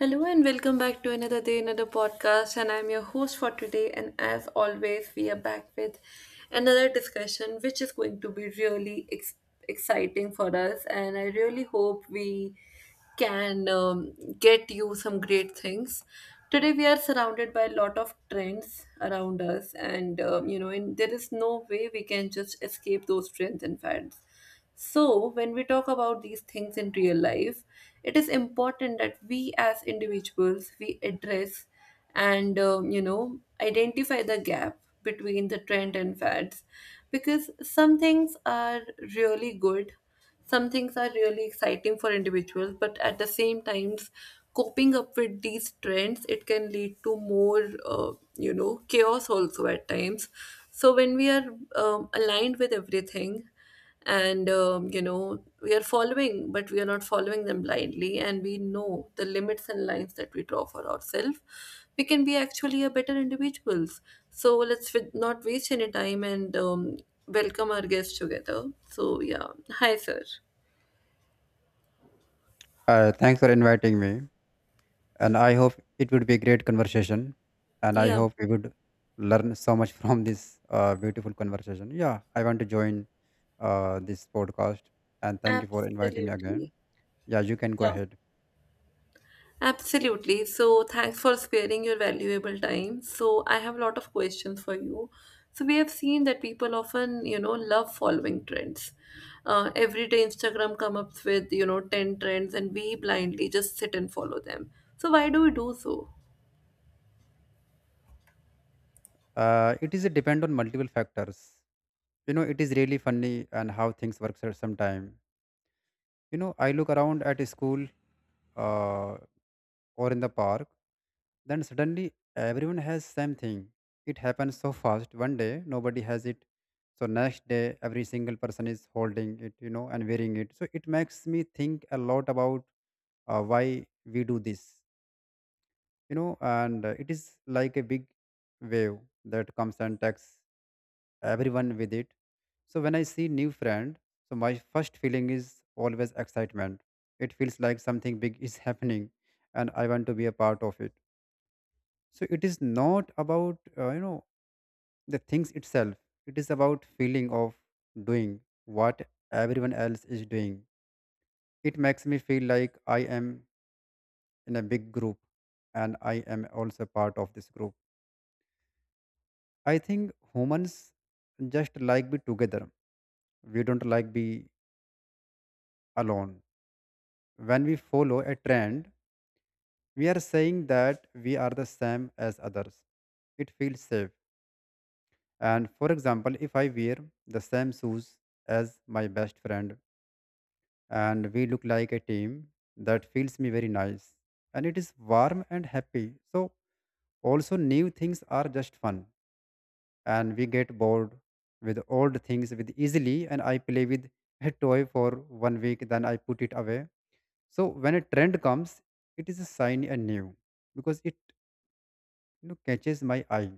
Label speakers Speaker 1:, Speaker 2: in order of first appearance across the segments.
Speaker 1: Hello and welcome back to another day, another podcast. And I'm your host for today. And as always, we are back with another discussion, which is going to be really exciting for us. And I really hope we can get you some great things. Today, we are surrounded by a lot of trends around us, and and there is no way we can just escape those trends and fads. So, when we talk about these things in real life, it is important that we as individuals we address and identify the gap between the trend and fads, because some things are really good, some things are really exciting for individuals, but at the same times coping up with these trends it can lead to more chaos also at times. So when we are aligned with everything and we are following, but we are not following them blindly and we know the limits and lines that we draw for ourselves, we can be actually a better individuals. So let's not waste any time and welcome our guests together. So yeah, hi sir.
Speaker 2: Thanks for inviting me, and I hope it would be a great conversation, and I
Speaker 1: Yeah.
Speaker 2: hope we would learn so much from this beautiful conversation. Yeah, I want to join this podcast, and thank you for inviting me again.
Speaker 1: Absolutely.
Speaker 2: Yeah, you can go
Speaker 1: Yeah.
Speaker 2: ahead.
Speaker 1: Absolutely. So, thanks for sparing your valuable time. So, I have a lot of questions for you. So, we have seen that people often, you know, love following trends. Every day, Instagram come up with, you know, 10 trends and we blindly just sit and follow them. So, why do we do so?
Speaker 2: It is a depend on multiple factors. You know, it is really funny and how things work sometimes. You know, I look around at a school. Uh, or in the park, then suddenly everyone has same thing. It happens so fast. One day nobody has it. So next day every single person is holding it, you know, and wearing it. So it makes me think a lot about why we do this, you know, and it is like a big wave that comes and takes everyone with it. So when I see new friend, so my first feeling is always excitement. It feels like something big is happening, and I want to be a part of it. So it is not about you know, the things itself, it is about feeling of doing what everyone else is doing. It makes me feel like I am in a big group, and I am also part of this group. I think humans just like be together, we don't like be alone. When we follow a trend, we are saying that we are the same as others. It feels safe. And for example, if I wear the same shoes as my best friend and we look like a team, that feels me very nice. And it is warm and happy. So, also, new things are just fun. And we get bored with old things with easily. And I play with a toy for one week, then I put it away. So, when a trend comes, it is a sign and new because it, catches my eye.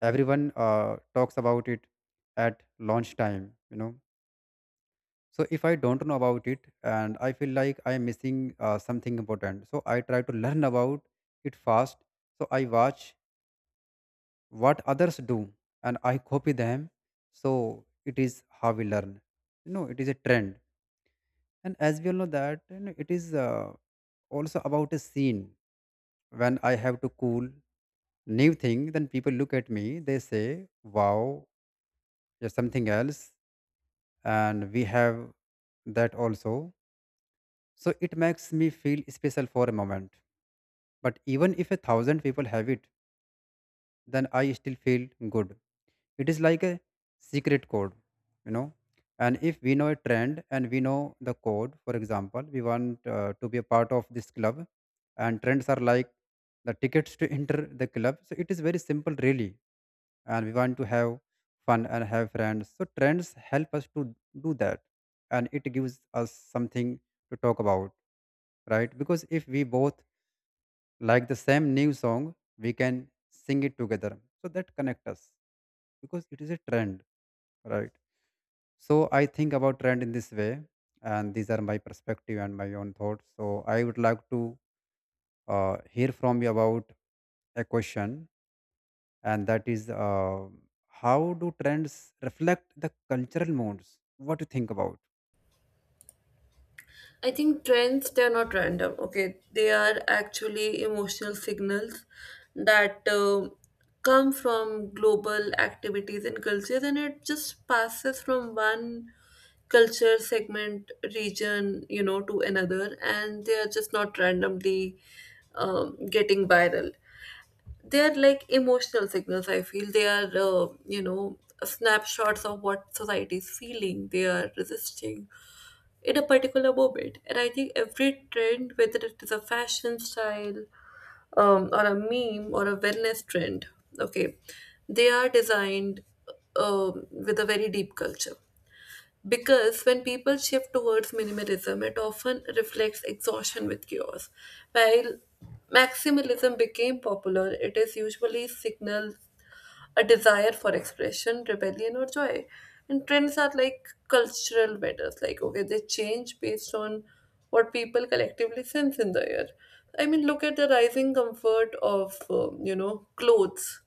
Speaker 2: Everyone talks about it at lunchtime, you know, so if I don't know about it and I feel like I am missing something important, so I try to learn about it fast. So I watch what others do, and I copy them. So it is how we learn, you know. It is a trend, and as we all know that, you know, it is also about a scene. When I have to cool new thing, then people look at me, they say wow, there's something else, and we have that also. So it makes me feel special for a moment. But even if a thousand people have it, then I still feel good. It is like a secret code, you know. And if we know a trend and we know the code, for example, we want to be a part of this club, and trends are like the tickets to enter the club. So it is very simple, really. And we want to have fun and have friends. So trends help us to do that, and it gives us something to talk about, right? Because if we both like the same new song, we can sing it together, so that connect us, because it is a trend, right? So I think about trend in this way, and these are my perspective and my own thoughts. So I would like to hear from you about a question, and that is how do trends reflect the cultural moods? What do you think about?
Speaker 1: I think trends, they're not random, okay? They are actually emotional signals that come from global activities and cultures, and it just passes from one culture segment, region, you know, to another, and they are just not randomly getting viral. They are like emotional signals, I feel. They are, you know, snapshots of what society is feeling, they are resisting in a particular moment. And I think every trend, whether it is a fashion style or a meme or a wellness trend, okay, they are designed with a very deep culture. Because when people shift towards minimalism, it often reflects exhaustion with chaos. While maximalism became popular, it is usually signal a desire for expression, rebellion, or joy. And trends are like cultural matters, like, okay, they change based on what people collectively sense in the air. I mean, look at the rising comfort of, you know, clothes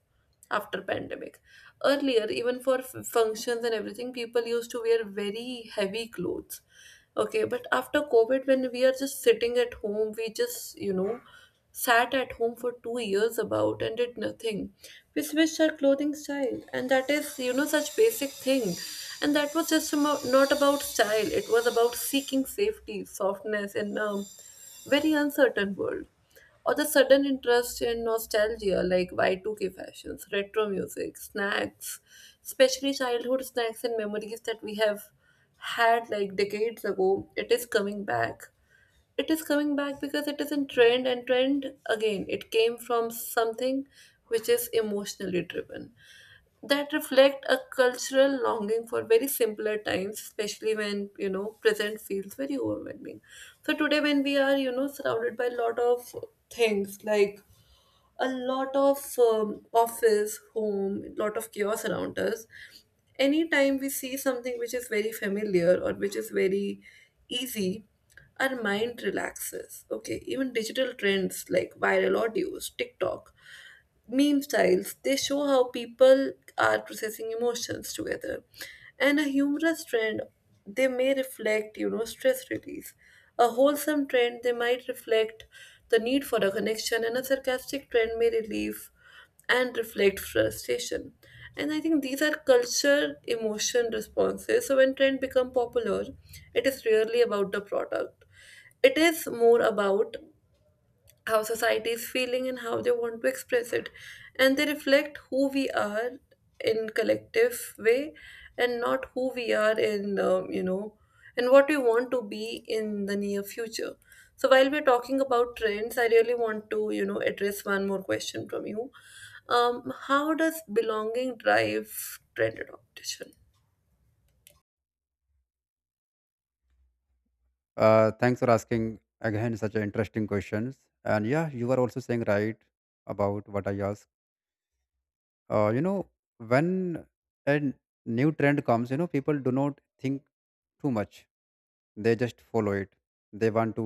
Speaker 1: after pandemic. Earlier even for functions and everything people used to wear very heavy clothes. Okay, but after COVID, when we are just sitting at home, we just, you know, sat at home for 2 years about and did nothing. We switched our clothing style, and that is, you know, such basic thing. And that was just about, not about style, it was about seeking safety, softness in a very uncertain world, or the sudden interest in nostalgia like Y2K fashions, retro music, snacks, especially childhood snacks and memories that we have had like decades ago, it is coming back. It is coming back because it is in trend and trend again. It came from something which is emotionally driven, that reflect a cultural longing for very simpler times, especially when you know present feels very overwhelming. So today when we are, you know, surrounded by a lot of things like a lot of office home lot of chaos around us, anytime we see something which is very familiar or which is very easy, our mind relaxes. Okay, even digital trends like viral audios, TikTok meme styles. They show how people are processing emotions together. And a humorous trend, they may reflect, you know, stress release. A wholesome trend, they might reflect the need for a connection, and a sarcastic trend may relieve and reflect frustration. And I think these are culture emotion responses. So when trend become popular, it is rarely about the product. It is more about how society is feeling and how they want to express it, and they reflect who we are in collective way, and not who we are in and what we want to be in the near future. So while we're talking about trends, I really want to, you know, address one more question from you. How does belonging drive trend adoption?
Speaker 2: Uh, thanks for asking again such an interesting questions. And yeah, you are also saying right about what I asked. You know, when a new trend comes, you know, people do not think too much, they just follow it. They want to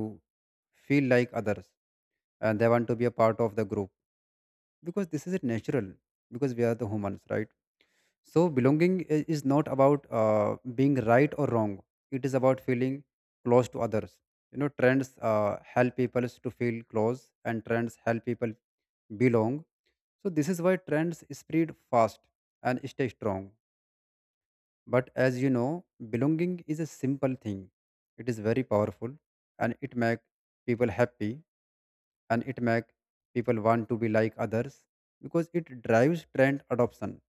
Speaker 2: feel like others, and they want to be a part of the group, because this is it natural, because we are the humans, right? So belonging is not about being right or wrong. It is about feeling close to others, you know. Trends help people to feel close, and trends help people belong. So this is why trends spread fast and stay strong. But as you know, belonging is a simple thing. It is very powerful, and it make people happy, and it make people want to be like others, because it drives trend adoption,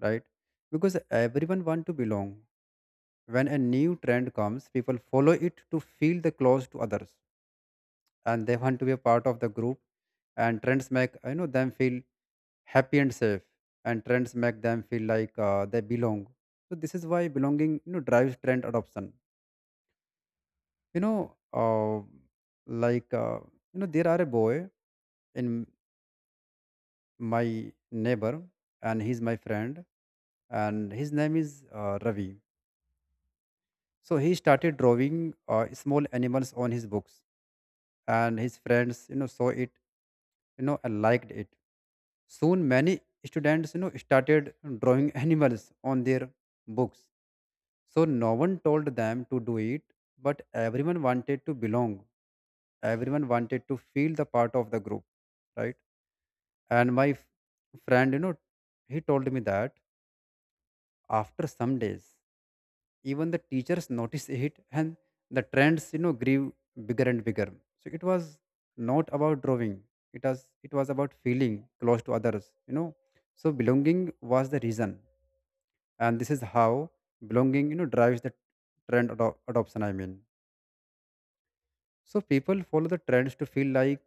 Speaker 2: right? Because everyone want to belong. When a new trend comes, people follow it to feel the close to others, and they want to be a part of the group, and trends make, you know, them feel happy and safe, and trends make them feel like they belong. So this is why belonging, you know, drives trend adoption. You know, uh, like uh, you know, there are a boy in my neighbor, and he's my friend, and his name is Ravi. So he started drawing small animals on his books, and his friends, you know, saw it, you know, and liked it. Soon, many students, you know, started drawing animals on their books. So no one told them to do it, but everyone wanted to belong. Everyone wanted to feel the part of the group, right? And my friend, you know, he told me that after some days even the teachers noticed it, and the trends, you know, grew bigger and bigger. So it was not about drawing, it was, it was about feeling close to others, you know. So belonging was the reason, and this is how belonging, you know, drives the trend adoption, I mean. So people follow the trends to feel like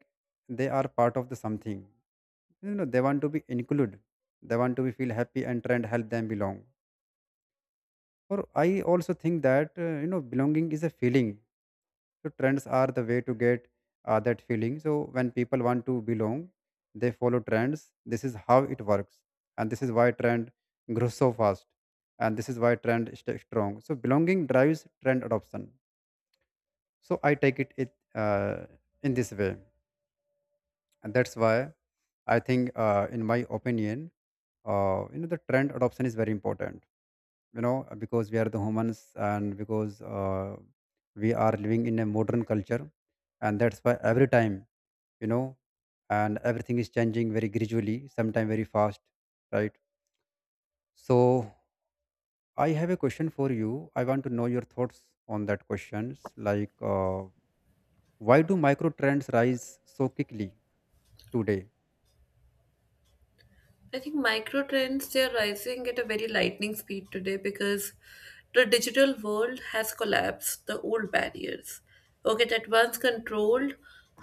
Speaker 2: they are part of the something, you know. They want to be included, they want to be feel happy, and trend help them belong. Or I also think that you know, belonging is a feeling. So trends are the way to get that feeling. So when people want to belong, they follow trends. This is how it works, and this is why trend grows so fast, and this is why trend stays strong. So belonging drives trend adoption. So I take it, in this way, and that's why I think, in my opinion, you know, the trend adoption is very important. You know, because we are the humans, and because we are living in a modern culture, and that's why every time, you know, and everything is changing very gradually, sometimes very fast, right? So I have a question for you, I want to know your thoughts on that questions, like why do micro trends rise so quickly today?
Speaker 1: I think micro trends they are rising at a very lightning speed today because the digital world has collapsed the old barriers. Okay, that once controlled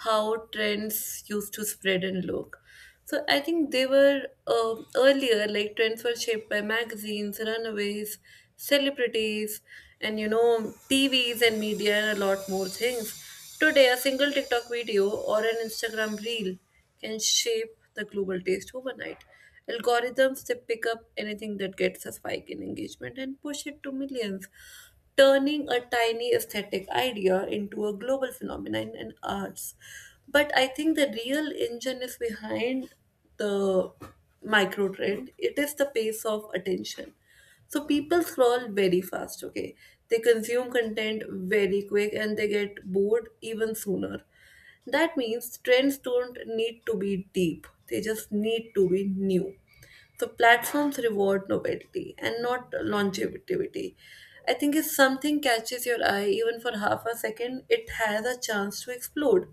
Speaker 1: how trends used to spread and look. So I think they were earlier, like trends were shaped by magazines, runaways, celebrities, and you know TVs and media and a lot more things. Today, a single TikTok video or an Instagram reel can shape the global taste overnight. Algorithms, they pick up anything that gets a spike in engagement and push it to millions, turning a tiny aesthetic idea into a global phenomenon in arts. But I think the real engine is behind the micro trend, it is the pace of attention. So people scroll very fast, okay? They consume content very quick and they get bored even sooner. That means trends don't need to be deep, they just need to be new. So platforms reward novelty and not longevity. I think if something catches your eye even for half a second, it has a chance to explode.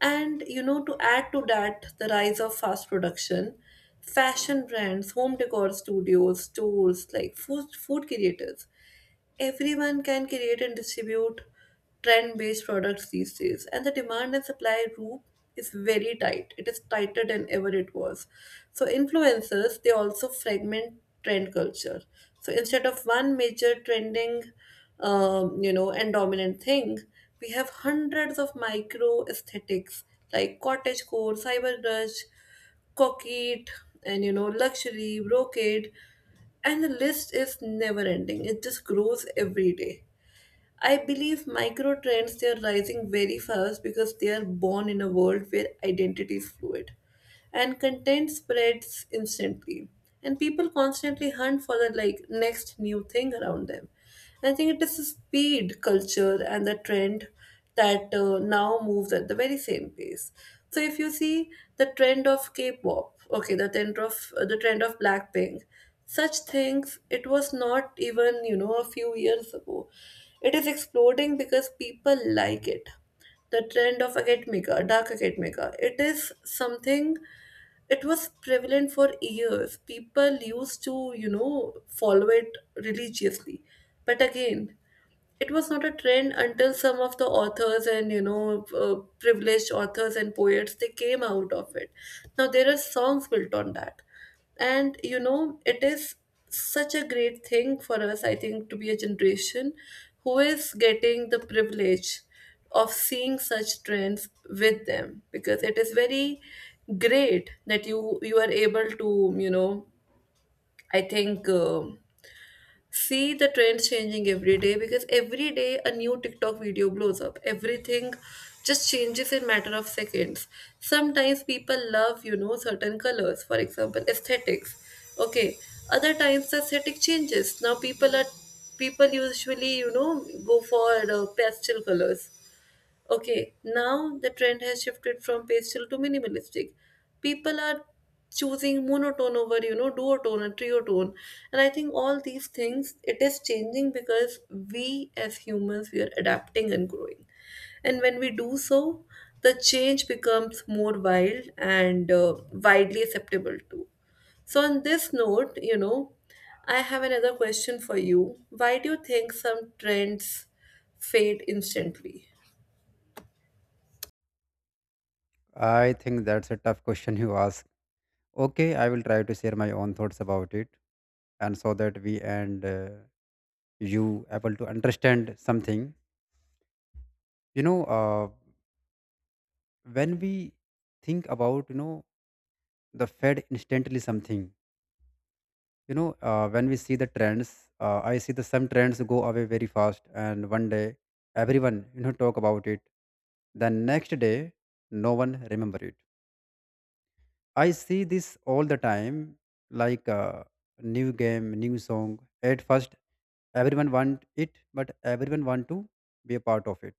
Speaker 1: And you know, to add to that, the rise of fast production, fashion brands, home decor studios, stores, like food creators. Everyone can create and distribute trend-based products these days, and the demand and supply loop is very tight. It is tighter than ever it was. So influencers, they also fragment trend culture. So instead of one major trending, and dominant thing, we have hundreds of micro aesthetics like cottage core, cyber rush, coquette, and you know, luxury, brocade, and the list is never ending. It just grows every day. I believe micro trends they are rising very fast because they are born in a world where identity is fluid and content spreads instantly and people constantly hunt for the like next new thing around them. I think it is the speed culture and the trend that now moves at the very same pace. So if you see the trend of K-pop, okay, the trend of the trend of Blackpink, such things it was not even you know a few years ago. It is exploding because people like it. The trend of academica, dark academica, it is something. It was prevalent for years. People used to you know follow it religiously, but again it was not a trend until some of the authors and you know privileged authors and poets they came out of it. Now there are songs built on that, and you know it is such a great thing for us, I think, to be a generation who is getting the privilege of seeing such trends with them, because it is very great that you are able to, you know, I think see the trends changing every day because every day a new TikTok video blows up. Everything just changes in matter of seconds. Sometimes people love, you know, certain colors, for example, aesthetics. Okay, other times the aesthetic changes. Now people usually, you know, go for pastel colors. Okay, now the trend has shifted from pastel to minimalistic. People are choosing monotone over, you know, duotone and triotone. And I think all these things, it is changing because we as humans, we are adapting and growing. And when we do so, the change becomes more wild and widely acceptable too. So, on this note, you know, I have another question for you. Why do you think some trends fade instantly?
Speaker 2: I think that's a tough question you ask. Okay, I will try to share my own thoughts about it, and so that we and you able to understand something, you know. When we think about, you know, the fed instantly something, you know, when we see the trends, I see the some trends go away very fast, and one day everyone, you know, talk about it. The next day no one remember it. I see this all the time. Like a new game, new song, at first, everyone want it, but everyone want to be a part of it,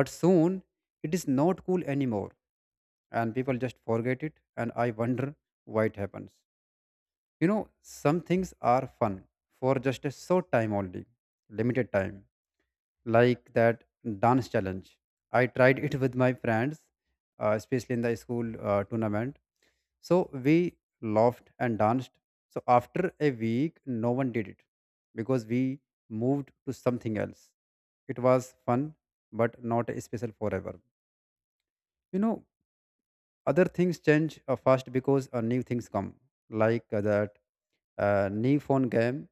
Speaker 2: but soon it is not cool anymore, and people just forget it, and I wonder why it happens, you know. Some things are fun for just a short time only, limited time. Like that dance challenge I tried it with my friends, especially in the school tournament. So we laughed and danced. So after a week no one did it, because we moved to something else. It was fun but not special forever, you know. Other things change fast because new things come, like that new phone game.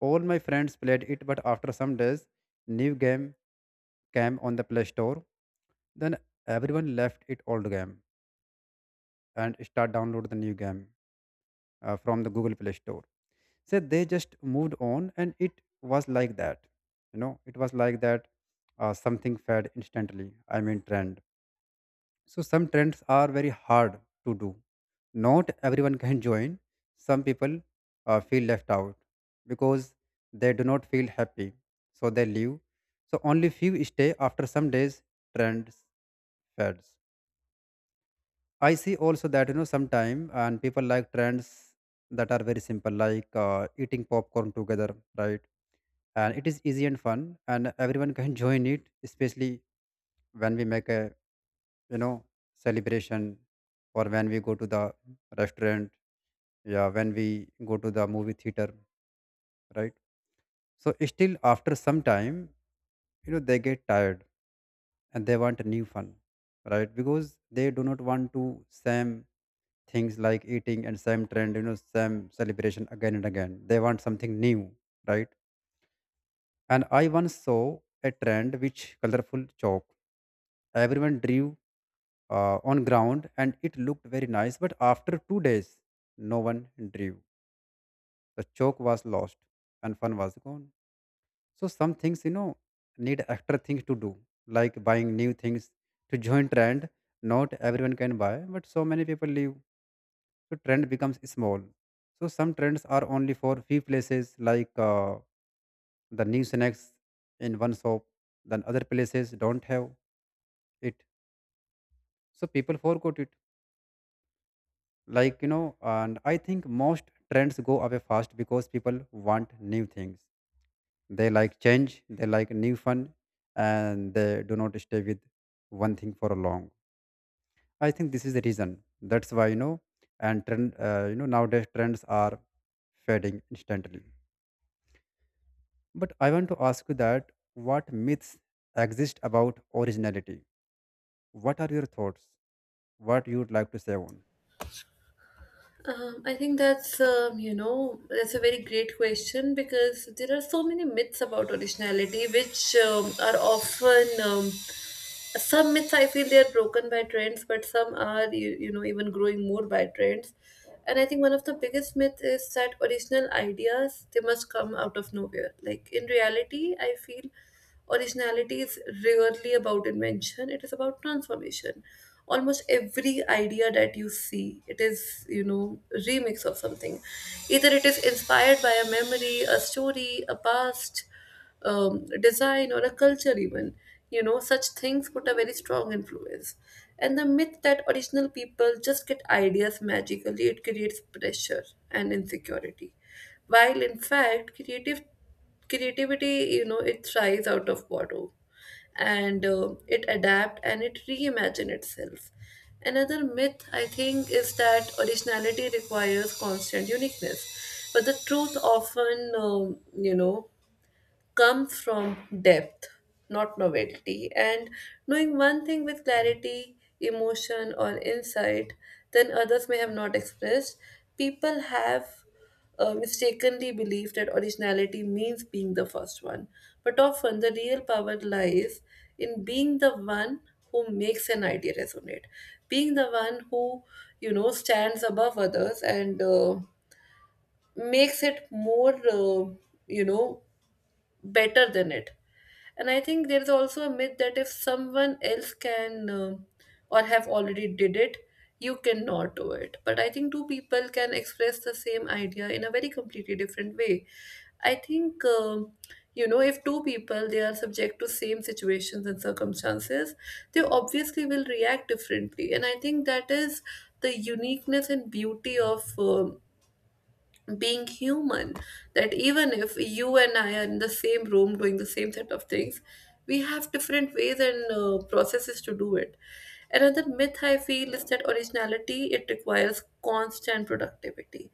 Speaker 2: All my friends played it, but after some days, new game came on the Play Store. Then everyone left it old game and start download the new game from the Google Play Store. So they just moved on, and it was like that. You know, it was like that. Something fed instantly, I mean, trend. So some trends are very hard to do. Not everyone can join. Some people feel left out because they do not feel happy, so they leave. So only few stay after some days. Trends fads. I see also that, you know, sometime and people like trends that are very simple, like eating popcorn together, right? And it is easy and fun, and everyone can join it, especially when we make a you know celebration, or when we go to the restaurant. Yeah, when we go to the movie theater, right? So still after some time, they get tired and they want a new fun, right. Because they do not want to same things like eating and same trend, same celebration again and again, they want something new, right. And I once saw a trend which colorful chalk. Everyone drew on ground, and it looked very nice, but after 2 days, no one drew. The chalk was lost and fun was gone. So some things, need extra things to do, like buying new things to join trend. Not everyone can buy, but so many people leave, so trend becomes small. So some trends are only for few places, like the new snacks in one shop. Then other places don't have it, so people forgot it. Like, and I think most trends go away fast because people want new things. They like change, they like new fun, and they do not stay with one thing for a long. I think this is the reason that's why, and trend, nowadays trends are fading instantly. But I want to ask you that what myths exist about originality. What are your thoughts? What you would like to say on?
Speaker 1: I think that's that's a very great question because there are so many myths about originality, which are often some myths I feel they are broken by trends, but some are you know even growing more by trends. And I think one of the biggest myths is that original ideas they must come out of nowhere. Like in reality, I feel originality is rarely about invention; it is about transformation. Almost every idea that you see, it is you know remix of something, either it is inspired by a memory, a story, a past design or a culture even, you know such things put a very strong influence. And the myth that original people just get ideas magically, it creates pressure and insecurity, while in fact creative creativity, you know, it thrives out of borrow, and it adapt and it reimagine itself. Another myth I think is that originality requires constant uniqueness, but the truth often you know come from depth, not novelty, and knowing one thing with clarity, emotion, or insight then others may have not expressed. People have mistakenly believed that originality means being the first one, but often the real power lies in being the one who makes an idea resonate, being the one who, you know, stands above others and makes it more you know better than it. And I think there is also a myth that if someone else can or have already did it, you cannot do it. But I think two people can express the same idea in a very completely different way. I think you know, if two people they are subject to same situations and circumstances, they obviously will react differently. And I think that is the uniqueness and beauty of being human, that even if you and I are in the same room doing the same set of things, we have different ways and processes to do it. Another myth I feel is that originality it requires constant productivity,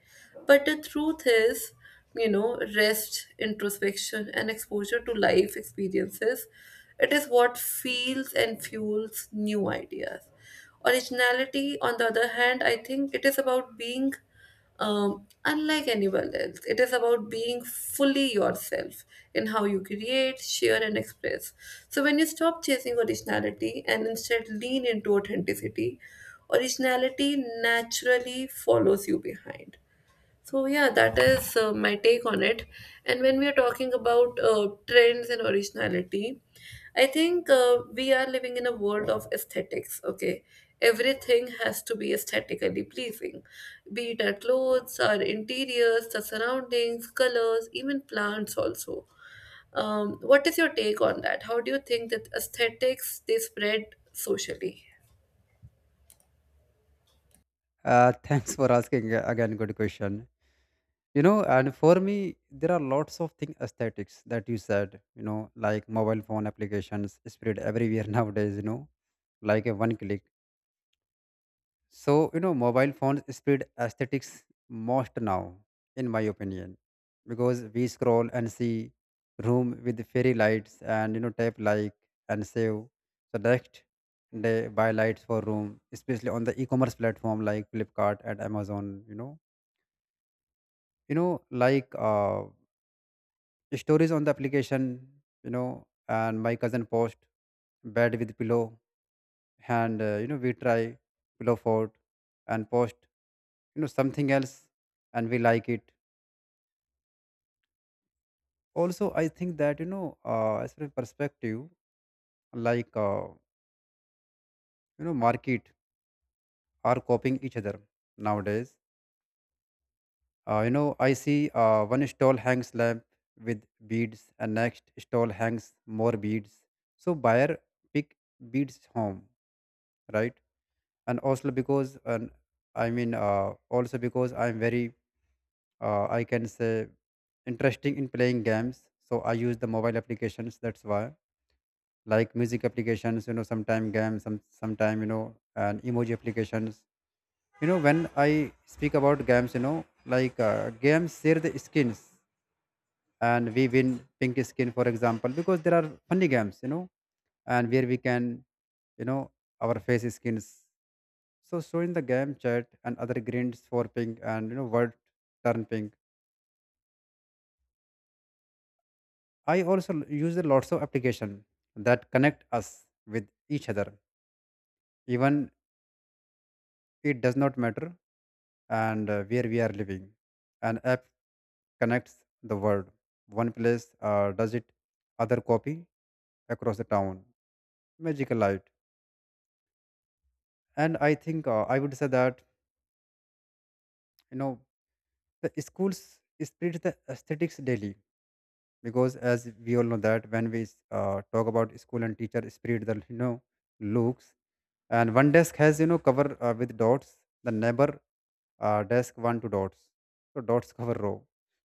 Speaker 1: but the truth is, you know, rest introspection and exposure to life experiences, it is what feels and fuels new ideas. Originality on the other hand, I think it is about being unlike anyone else. It is about being fully yourself in how you create, share, and express. So, when you stop chasing originality and instead lean into authenticity, originality naturally follows you behind. So yeah, that is my take on it. And when we are talking about trends and originality, I think we are living in a world of aesthetics. Okay, everything has to be aesthetically pleasing, be it our clothes, our interiors, the surroundings, colors, even plants also. What is your take on that? How do you think that aesthetics they spread socially?
Speaker 2: Thanks for asking, again good question. And for me there are lots of thing aesthetics that you said, like mobile phone applications spread everywhere nowadays, like a one click. So, mobile phones spread aesthetics most now, in my opinion. Because we scroll and see room with fairy lights and, tap like and save. So next they buy lights for room, especially on the e-commerce platform like Flipkart and Amazon, you know like stories on the application, and my cousin post bed with pillow, and we try pillow fort and post something else, and we like it. Also, I think that as far as perspective, like market are copying each other nowadays. I see one stall hangs lamp with beads, and next stall hangs more beads. So buyer pick beads home, right? And also because, and I mean, also because I'm very, I can say, interesting in playing games, so I use the mobile applications, that's why. Like music applications, sometime games, sometime, and emoji applications. When I speak about games, like games share the skins, and we win pink skin, for example, because there are funny games, and where we can, you know our face skins. So in the game chat and other grinds for ping, and word turn ping. I also use a lots of application that connect us with each other. Even it does not matter, and where we are living. An app connects the world. One place does it, other copy across the town. Magical light. And I think, I would say that, you know the schools spread the aesthetics daily, because as we all know that when we talk about school and teacher spirit the, looks. And one desk has, cover with dots, the neighbor desk one to dots, so dots cover row.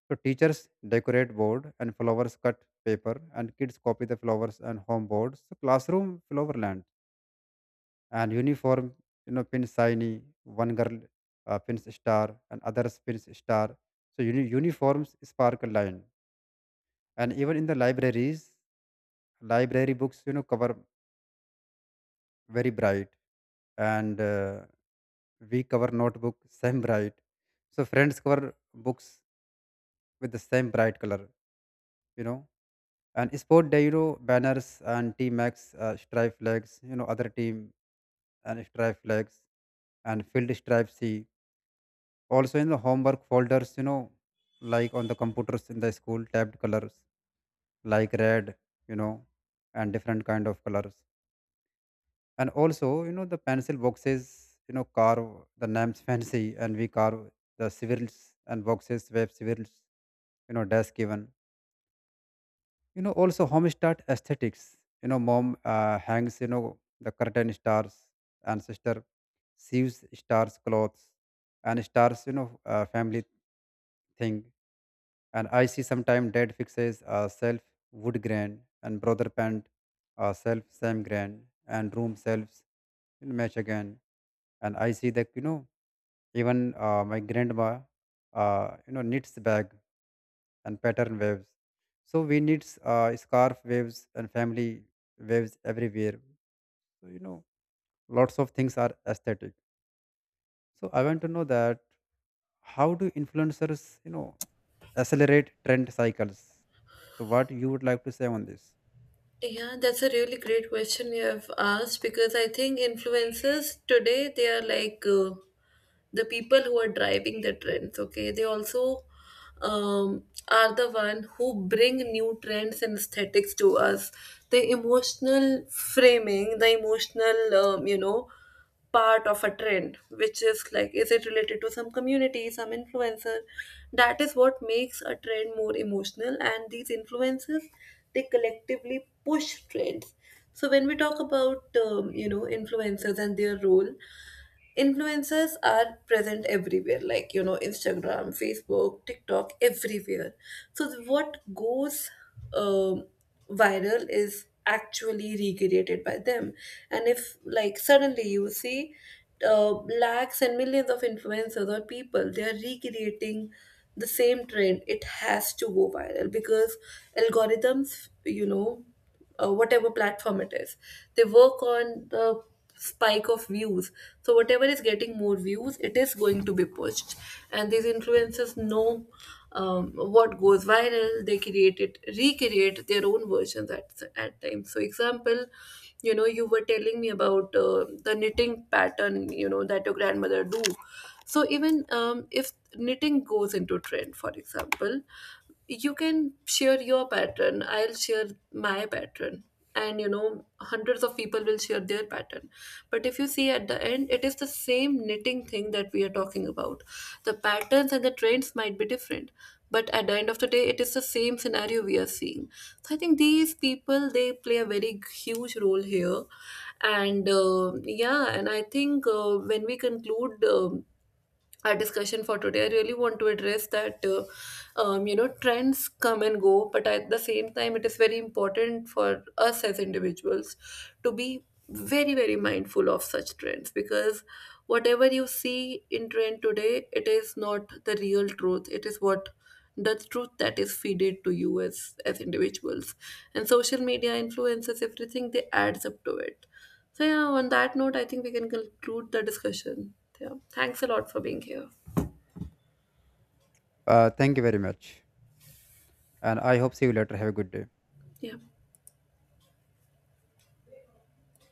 Speaker 2: So teachers decorate board and flowers cut paper, and kids copy the flowers and home boards, so classroom flowerland. And uniform, pins shiny, one girl pins star and others pins star, so uniforms sparkle line. And even in the libraries, library books, cover very bright, and we cover notebook same bright, so friends cover books with the same bright color, you know and sport day, banners and team max stripe flags, other team and stripe flags and field stripe c. Also in the homework folders, like on the computers in the school tabbed colors like red, you know and different kind of colors. And also, the pencil boxes, carve the names fancy, and we carve the civils and boxes web civils, desk given. Also home start aesthetics, mom hangs, the curtain stars. And sister sews stars clothes, and stars, family thing. And I see sometime dad fixes self wood grain, and brother paint self same grain, and room selves match again. And I see that, even my grandma knits the bag and pattern waves. So we knits scarf waves and family waves everywhere. So, lots of things are aesthetic. So I want to know that how do influencers, accelerate trend cycles? So what you would like to say on this?
Speaker 1: Yeah, that's a really great question you have asked, because I think influencers today they are like the people who are driving the trends. Okay, they also um, are the one who bring new trends and aesthetics to us. The emotional framing, the emotional, you know, part of a trend, which is like is it related to some community, some influencer, that is what makes a trend more emotional. And these influencers, they collectively push trends. So when we talk about you know, influencers and their role, influencers are present everywhere, like you know, Instagram, Facebook, TikTok, everywhere. So what goes um, viral is actually recreated by them. And if, like, suddenly you see uh, lakhs and millions of influencers or people, they are recreating the same trend, it has to go viral because algorithms, you know, whatever platform it is. They work on the spike of views. So whatever is getting more views, it is going to be pushed. And these influencers know what goes viral. They create it, recreate their own versions at times. So example, you know, you were telling me about the knitting pattern, you know, that your grandmother do. So even if knitting goes into trend, for example, you can share your pattern, I'll share my pattern, and you know, hundreds of people will share their pattern. But if you see, at the end it is the same knitting thing that we are talking about. The patterns and the trends might be different, but at the end of the day it is the same scenario we are seeing. So I think these people, they play a very huge role here. And yeah. And I think when we conclude our discussion for today, I really want to address that you know, trends come and go, but at the same time it is very important for us as individuals to be very very mindful of such trends, because whatever you see in trend today, it is not the real truth. It is what, the truth that is feeded to you as individuals, and social media influences everything, they adds up to it. So yeah, on that note, I think we can conclude the discussion. Yeah, thanks a lot for being here.
Speaker 2: Thank you very much, and I hope see you later. Have a good day.
Speaker 1: Yeah.